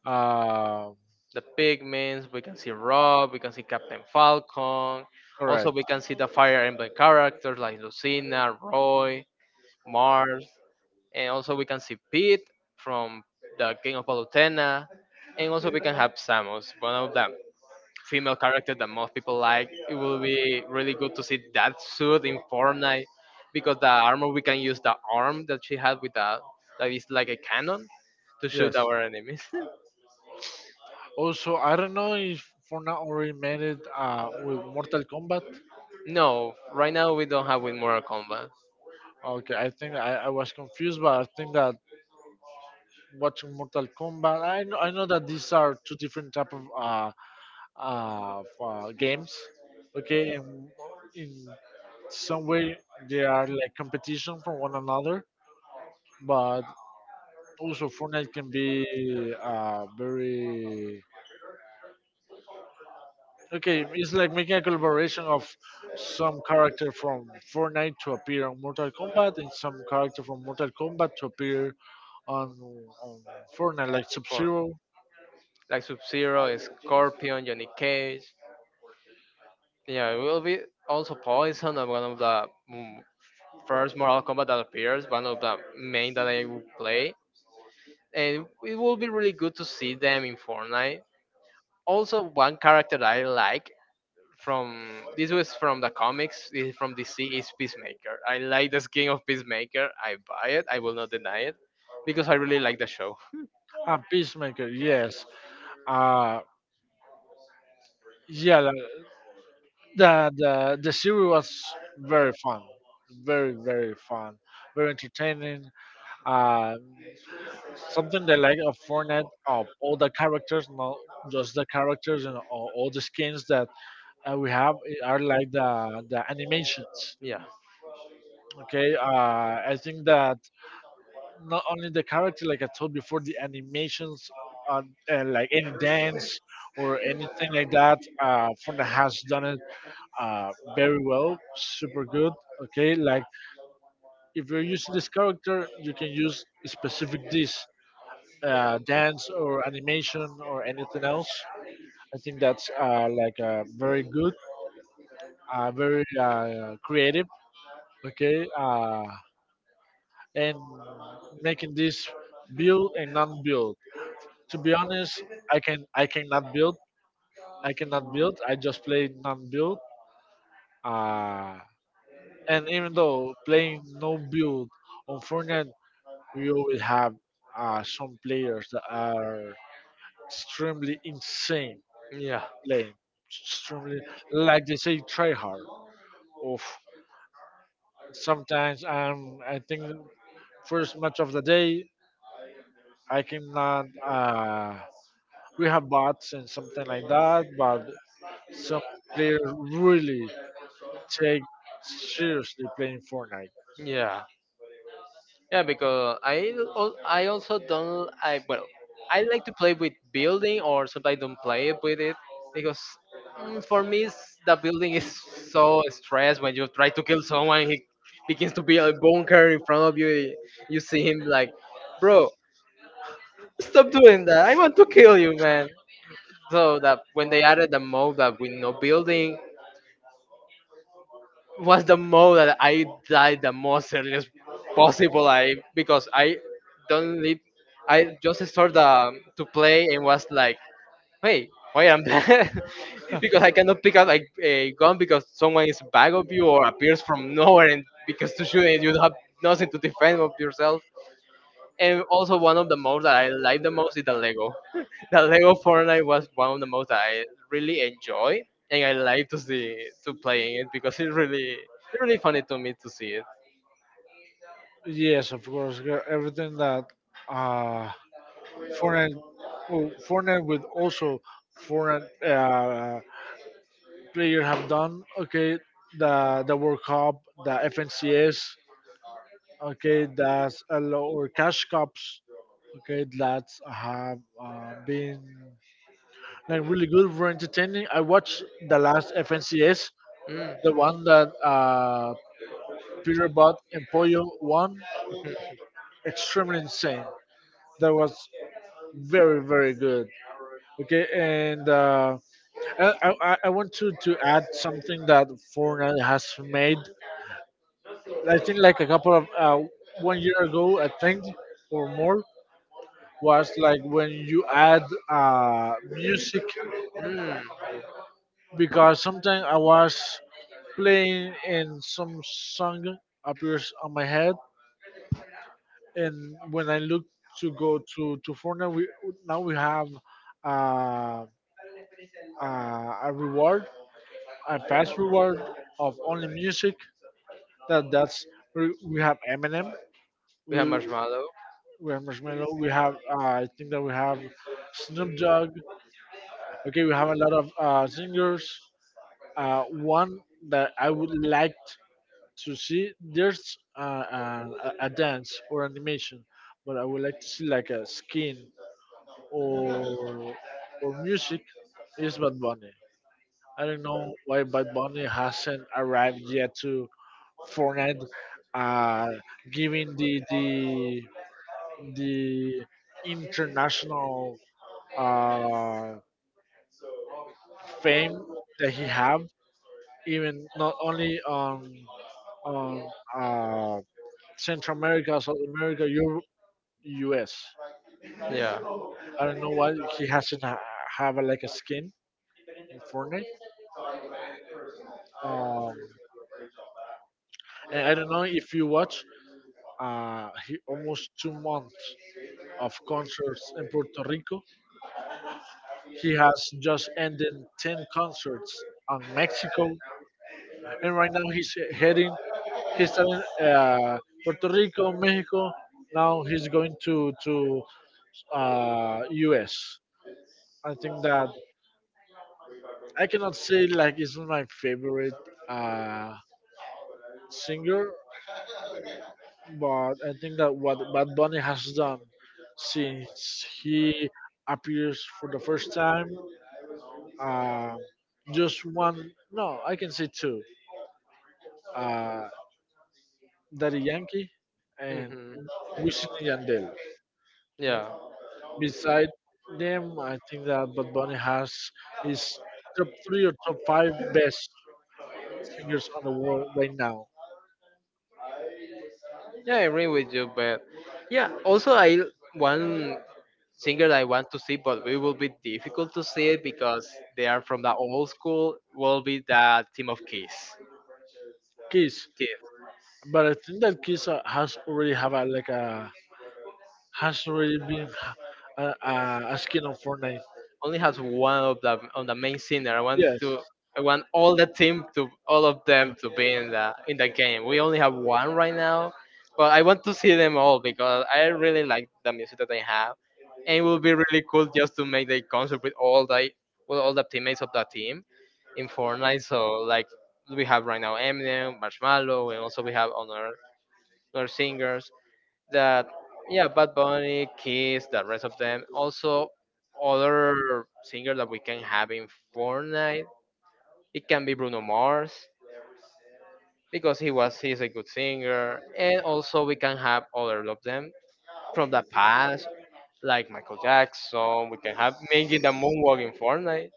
Uh, the pigments. We can see Rob. We can see Captain Falcon. Also, we Correct. can see the Fire Emblem characters like Lucina, Roy, Mars, and also we can see Pete from the King of Palutena, and also we can have Samus, one of them. Female character that most people like. It will be really good to see that suit in Fortnite because the armor we can use the arm that she had with that that is like a cannon to shoot Yes. our enemies. Also, I don't know if Fortnite already made it with Mortal Kombat. (laughs) No, right now we don't have with Mortal Kombat. Okay, I was confused, but I think that watching Mortal Kombat. I know that these are two different type of games. Okay, and in some way they are like competition from one another, but also Fortnite can be very okay. It's like making a collaboration of some character from Fortnite to appear on Mortal Kombat and some character from Mortal Kombat to appear on on Fortnite, like Sub Zero Like Sub Zero, Scorpion, Johnny Cage. Yeah, it will be also Poison, one of the mm, first Mortal Kombat that appears, one of the main that I will play. And it will be really good to see them in Fortnite. Also, one character that I like from this was from the comics, this is from DC, is Peacemaker. I like the skin of Peacemaker. I buy it. I will not deny it because I really like the show. and Peacemaker. Yes, uh, yeah, the series was very fun, very very fun, very entertaining. um Something that like a Fortnite of all the characters, not just the characters and all the skins that we have are like the animations. Yeah. Okay uh i think that not only the character, like I told before, the animations uh, and like any dance or anything like that Fortnite has done it very well, super good. Okay, like if you're using this character, you can use specific this dance or animation or anything else. I think that's like very good, very creative. Okay, and making this build and non-build. To be honest, I cannot build. I cannot build. I just play non-build. Uh, and even though playing no build on Fortnite, we always have some players that are extremely insane Yeah. playing, extremely, like they say, try hard. Oof. Sometimes, I think first match of the day I cannot. We have bots and something like that, but some players really take seriously playing Fortnite. Yeah. Yeah, because I I also don't, I well, I like to play with building or sometimes don't play with it because for me it's, the building is so stressed when you try to kill someone, he begins to build a bunker in front of you, you see him like, bro, stop doing that, I want to kill you, man. So that when they added the mode that with no building was the mode that I died the most earliest possible. I because I don't live. I just started to play and was like, "Hey, why I'm dead?" (laughs) Because I cannot pick up like a gun because someone is back of you or appears from nowhere and because to shoot and you have nothing to defend of yourself. And also one of the modes that I like the most is the Lego. (laughs) The Lego Fortnite was one of the modes that I really enjoy, and I like to see to playing it because it's really, it's really funny to me to see it. Yes, of course, everything that uh, foreign, well, foreign with also foreign players have done, okay, the World Cup, the FNCS, okay, that's a lot, or cash cups, okay, that have been like really good for entertaining. I watched the last FNCS, the Mm. one that Peter Bot and Pollo won, extremely insane. That was very very good. Okay, and. I want to add something that Fortnite has made. I think like a couple of one year ago, I think, or more, was like when you add music, Mm. because sometimes I was playing and some song appears on my head, and when I look to go to Fortnite, we now we have uh, a reward, a past reward of only music that we have Eminem, We have we marshmallow. we have Marshmello, we have I think that we have Snoop Dogg. Okay, we have a lot of singers. One that I would like to see, there's a dance or animation, but I would like to see like a skin or or music, is Bad Bunny. I don't know why Bad Bunny hasn't arrived yet to Fortnite, uh, giving the international uh, fame that he have, even not only on on uh, Central America, South America, Europe, U.S. Yeah. Don't know why he hasn't ha- have a, like a skin in Fortnite. Um, and I don't know if you watch. He almost two months of concerts in Puerto Rico. He has just ended 10 concerts on Mexico and right now he's heading. He's starting Puerto Rico, Mexico. Now he's going to U.S. I think that I cannot say like it's my favorite uh, singer, but I think that what Bad Bunny has done since he appears for the first time, uh, just one, no, I can say two, uh, Daddy Yankee and Hmm. Wisin and Yandel. Yeah. Beside them, I think that Bad Bunny has his top three or top five best singers on the world right now. Yeah, I agree with you, but yeah, also I one singer I want to see, but it will be difficult to see it because they are from the old school. Will be the team of Kiss. Kiss, but I think that Kiss has already have a, like a, has already been a skin on Fortnite. Only has one of the on the main singer. Yes, I want all the team to all of them to be in the game. We only have one right now, but I want to see them all because I really like the music that they have, and it would be really cool just to make the concert with all the teammates of the team in Fortnite. So like we have right now Eminem, Marshmallow, and also we have other singers that yeah, Bad Bunny, Kiss, the rest of them, also other singers that we can have in Fortnite. It can be Bruno Mars because he's a good singer, and also we can have other of them from the past like Michael Jackson. We can have making the moonwalk in Fortnite.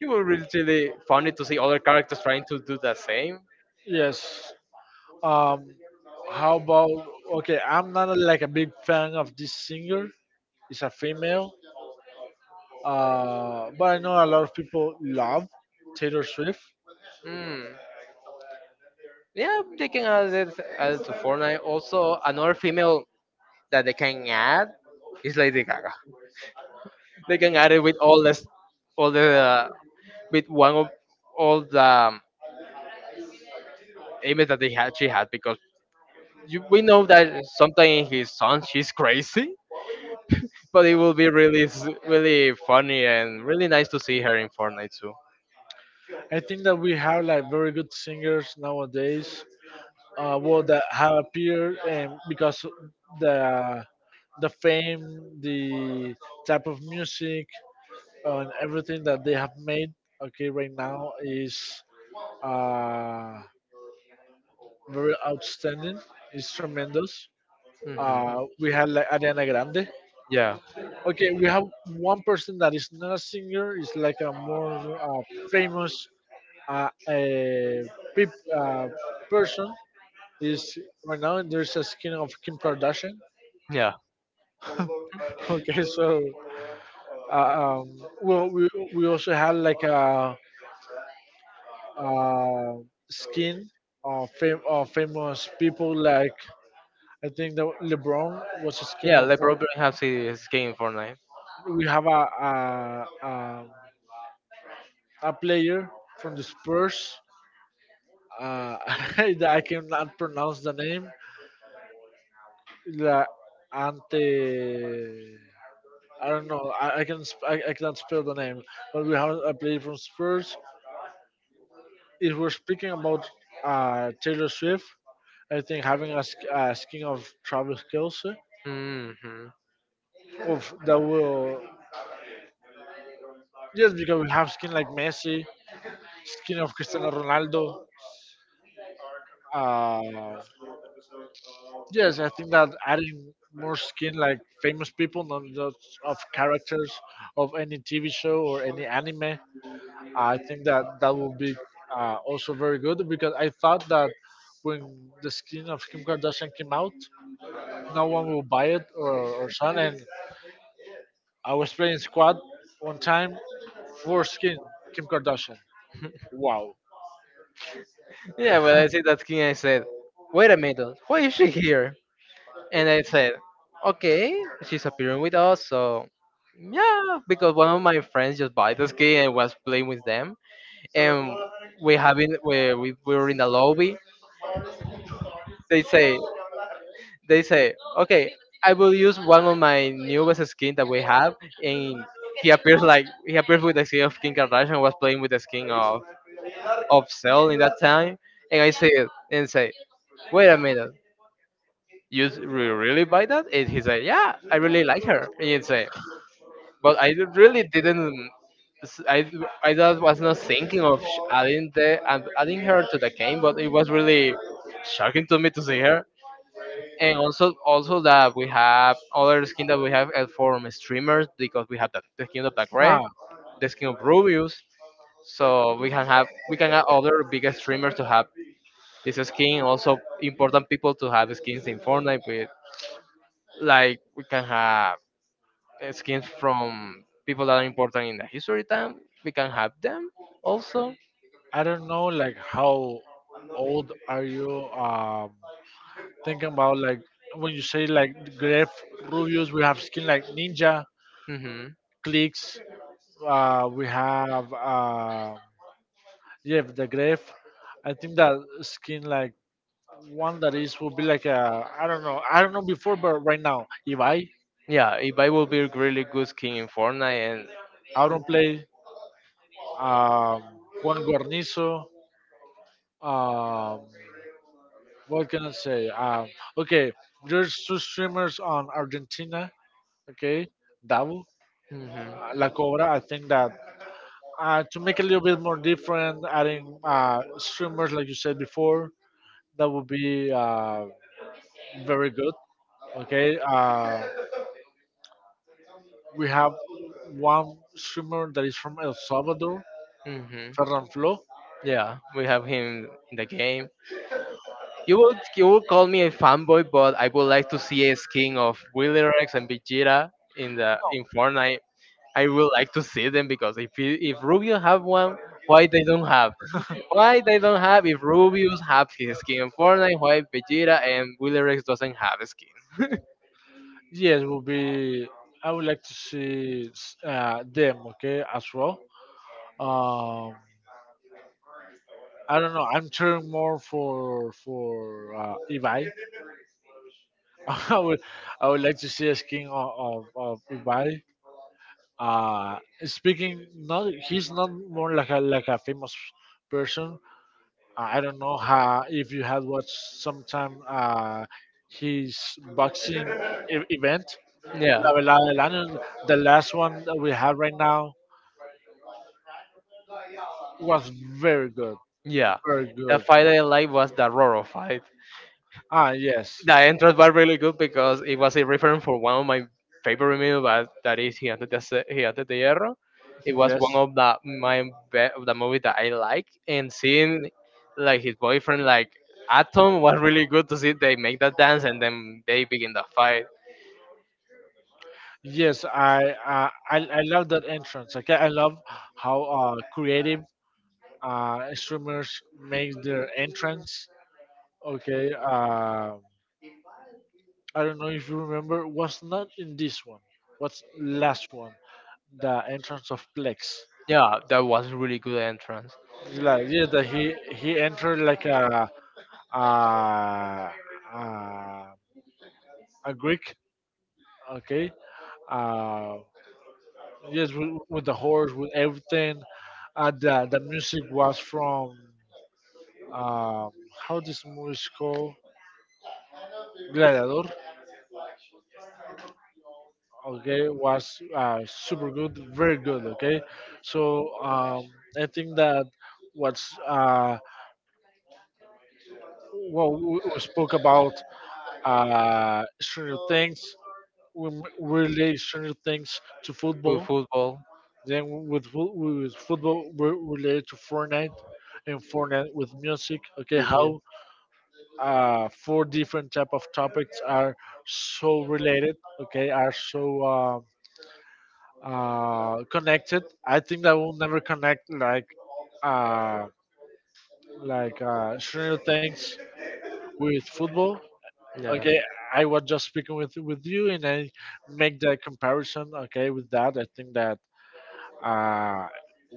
It was really funny to see other characters trying to do the same. yes. Um, how about okay? I'm not a, like a big fan of this singer. It's a female, but I know a lot of people love Taylor Swift. Hmm. Yeah, they can add it to Fortnite. Also another female that they can add is Lady Gaga. They can add it with all this, all the, uh, with one of all the image that she had, because we know that sometimes in his song she's crazy, but it will be really, really funny and really nice to see her in Fortnite too. I think that we have like very good singers nowadays. Well, that have appeared, and because the the fame, the type of music, and everything that they have made. Okay, right now is uh, very outstanding. It's tremendous. Hmm. We have like Ariana Grande. Yeah, Okay, we have one person that is not a singer. It's like a more famous uh, uh, peop, uh, person is right now there's a skin of Kim Kardashian. yeah, (laughs) Okay, so uh, um, well, we also had like a skin of of famous people, like I think that LeBron was a skin yeah. of one. LeBron has his skin in Fortnite. We have a player from the Spurs. Uh, (laughs) that I cannot pronounce the name. La Ante. I don't know. I can't spell the name, but we have a player from Spurs. If we're speaking about Taylor Swift, I think having a, a skin of Travis Kelce, Hmm. of that will, yes, because we have skin like Messi, skin of Cristiano Ronaldo. Uh, yes, I think that adding more skin like famous people, not just of characters of any TV show or any anime. I think that that will be also very good, because I thought that when the skin of Kim Kardashian came out, no one will buy it or son. And I was playing squad one time, for skin Kim Kardashian. Wow. Yeah, when I see that skin, I said, "Wait a minute, why is she here?" And I said, okay, she's appearing with us, so yeah, because one of my friends just bought the ski and was playing with them, and we having we were in the lobby. They say, they say, okay, I will use one of my newest skin that we have, and he appears with the skin of King Kardashian, was playing with the skin of Cell in that time, and I say it and say, wait a minute, really buy that? And he said, yeah, I really like her. And you say, but really didn't. I just was not thinking of adding her to the game, but it was really shocking to me to see her. And also, also that we have other skin that we have from streamers, because we have the skin of the Greg, Ah, the skin of Rubius. So we can have other big streamers to have this skin. Also, important people to have skins in Fortnite with, like we can have skins from people that are important in the history time. We can have them also. I don't know like how old are you thinking about like when you say like Gref Rubius, we have skin like Ninja Hmm. Clicks, we have yeah the Gref. I think that skin like one that is will be like a, I don't know, before, but right now Ibai. Yeah, if I will be a really good skin in Fortnite and. I don't play, um Juan Guarnizo, um what can I say? Okay, there's two streamers on Argentina. Okay, double. Hmm. La Cobra, I think that to make it a little bit more different, adding uh, streamers like you said before, that would be uh, very good. Okay, uh, we have one streamer that is from El Salvador, Hmm. Ferran Flo. Yeah, we have him in the game. You would call me a fanboy, but I would like to see a skin of Rex and Vegeta in the in Fortnite. I would like to see them because if Rubio have one, why they don't have? Why they don't have, if Rubius have his skin in Fortnite, why Vegeta and Willyrex doesn't have a skin? (laughs) Yes, will be. I would like to see them, okay, as well. um, I don't know, I'm cheering more for for Ibai. (laughs) I would, I would like to see a skin of of Ibai. Uh, Speaking, not, he's not more like a famous person. I don't know how, if you had watched sometime his boxing event. La Yeah. Velada del Año, the last one that we have right now was very good, Yeah. very The good. fight I like was the Roro fight. Ah, yes. The entrance was really good because it was a reference for one of my favorite memes, but that is Gigante de Hierro. It was one Yes, of the my of the movie that I like, and seeing like his boyfriend like Atom was really good, to see they make that dance and then they begin the fight. yes, I love that entrance. Okay, I love how creative streamers make their entrance. Okay, I don't know if you remember. Was not in this one. What's last one? The entrance of Plex. Yeah, that was really good entrance. Like yeah, that he entered like a, a a, a Greek. Okay, uh, yes, with the horse, with everything. The music was from um how this movie is called, Gladiador. Okay, was super good, very good. Okay, so I think that what's uh, what we spoke about, Stranger Things, we relate Stranger Things to With football, football. then with with football we relate to Fortnite, and Fortnite with music. Okay, Yeah. how four different type of topics are so related, okay, are so Um, connected. I think that will never connect like uh, Stranger Things with football. Yeah. Okay, I was just speaking with you, and I make the comparison. Okay, with that, I think that uh,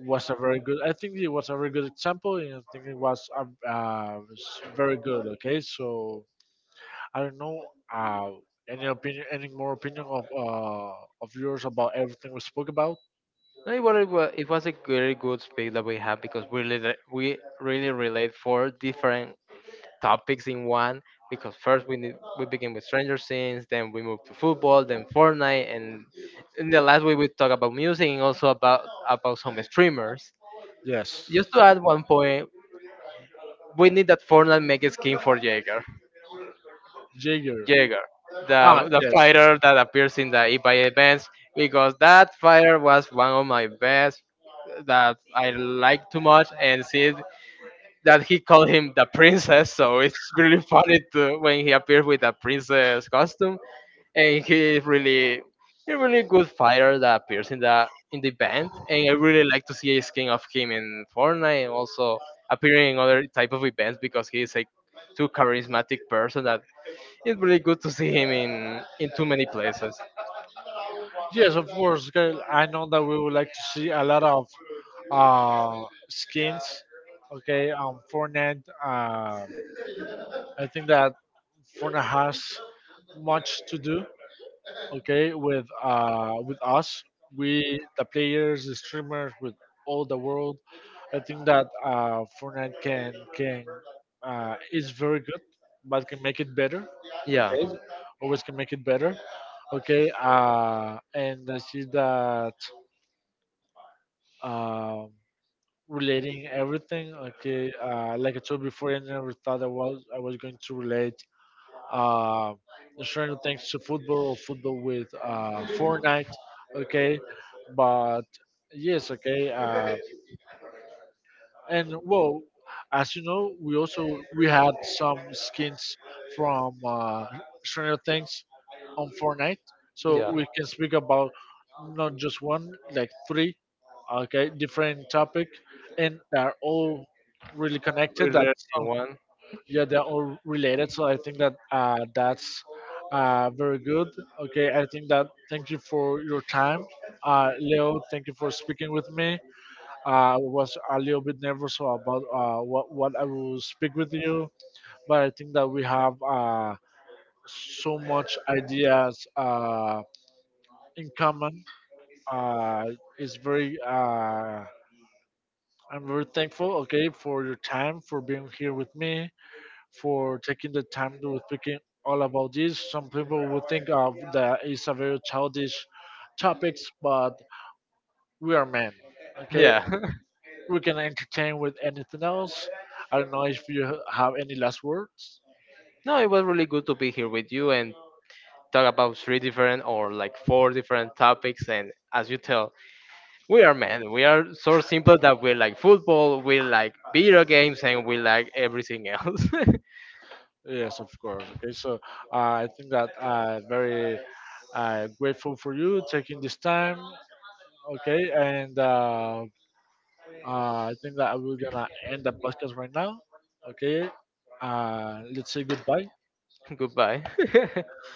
was a very good. I think it was a very good example, and I think it was very good. Okay, so I don't know. Uh, any opinion? Any more opinion of yours about everything we spoke about? No, it was, it was a very good space that we have because we really relate four different topics in one. Because we begin with Stranger Things, then we move to football, then Fortnite, and in the last we would talk about music and also about some streamers. Yes, Just to add one point, we need that Fortnite make a skin for Jaeger. Jaeger. Jaeger, Ah, the yes. fighter that appears in the eBay events, because that fighter was one of my best that I like too much, and see that he called him the princess, so it's really funny to, when he appears with a princess costume, and he is really a really good fighter that appears in the event, and I really like to see a skin of him in Fortnite, and also appearing in other type of events because he is a too charismatic person that it's really good to see him in too many places. Yes, of course. Gail, I know that we would like to see a lot of skins. Okay, Fortnite. I think that Fortnite has much to do. Okay, with us, we, the players, the streamers, with all the world. I think that Fortnite can, is very good, but can make it better. Yeah, Okay, always can make it better. Okay, and I see that um relating everything, okay, like I told before, I never thought I was, going to relate uh, Stranger Things to football, or football with Fortnite, okay? But yes, okay. And well, as you know, we also, we had some skins from Stranger Things on Fortnite, so yeah. we can speak about not just one, like three, okay, different topic, and they're all really connected. Really That's, one. yeah, they're all related. So I think that that's very good. Okay, I think that thank you for your time, Leo, thank you for speaking with me. I was a little bit nervous about what I will speak with you, but I think that we have so much ideas in common. uh, it's very I'm very thankful, okay, for your time, for being here with me, for taking the time to speaking all about this. Some people will think of that is a very childish topics, but we are men. Okay, Yeah. (laughs) we can entertain with anything else. I don't know if you have any last words. No, it was really good to be here with you and talk about three different or like four different topics. And as you tell, we are men. We are so simple that we like football, we like video games, and we like everything else. Yes, of course. Okay, so I think that very grateful for you taking this time. Okay, and I think that we're gonna end the podcast right now. Okay, let's say goodbye. (laughs) Goodbye. (laughs)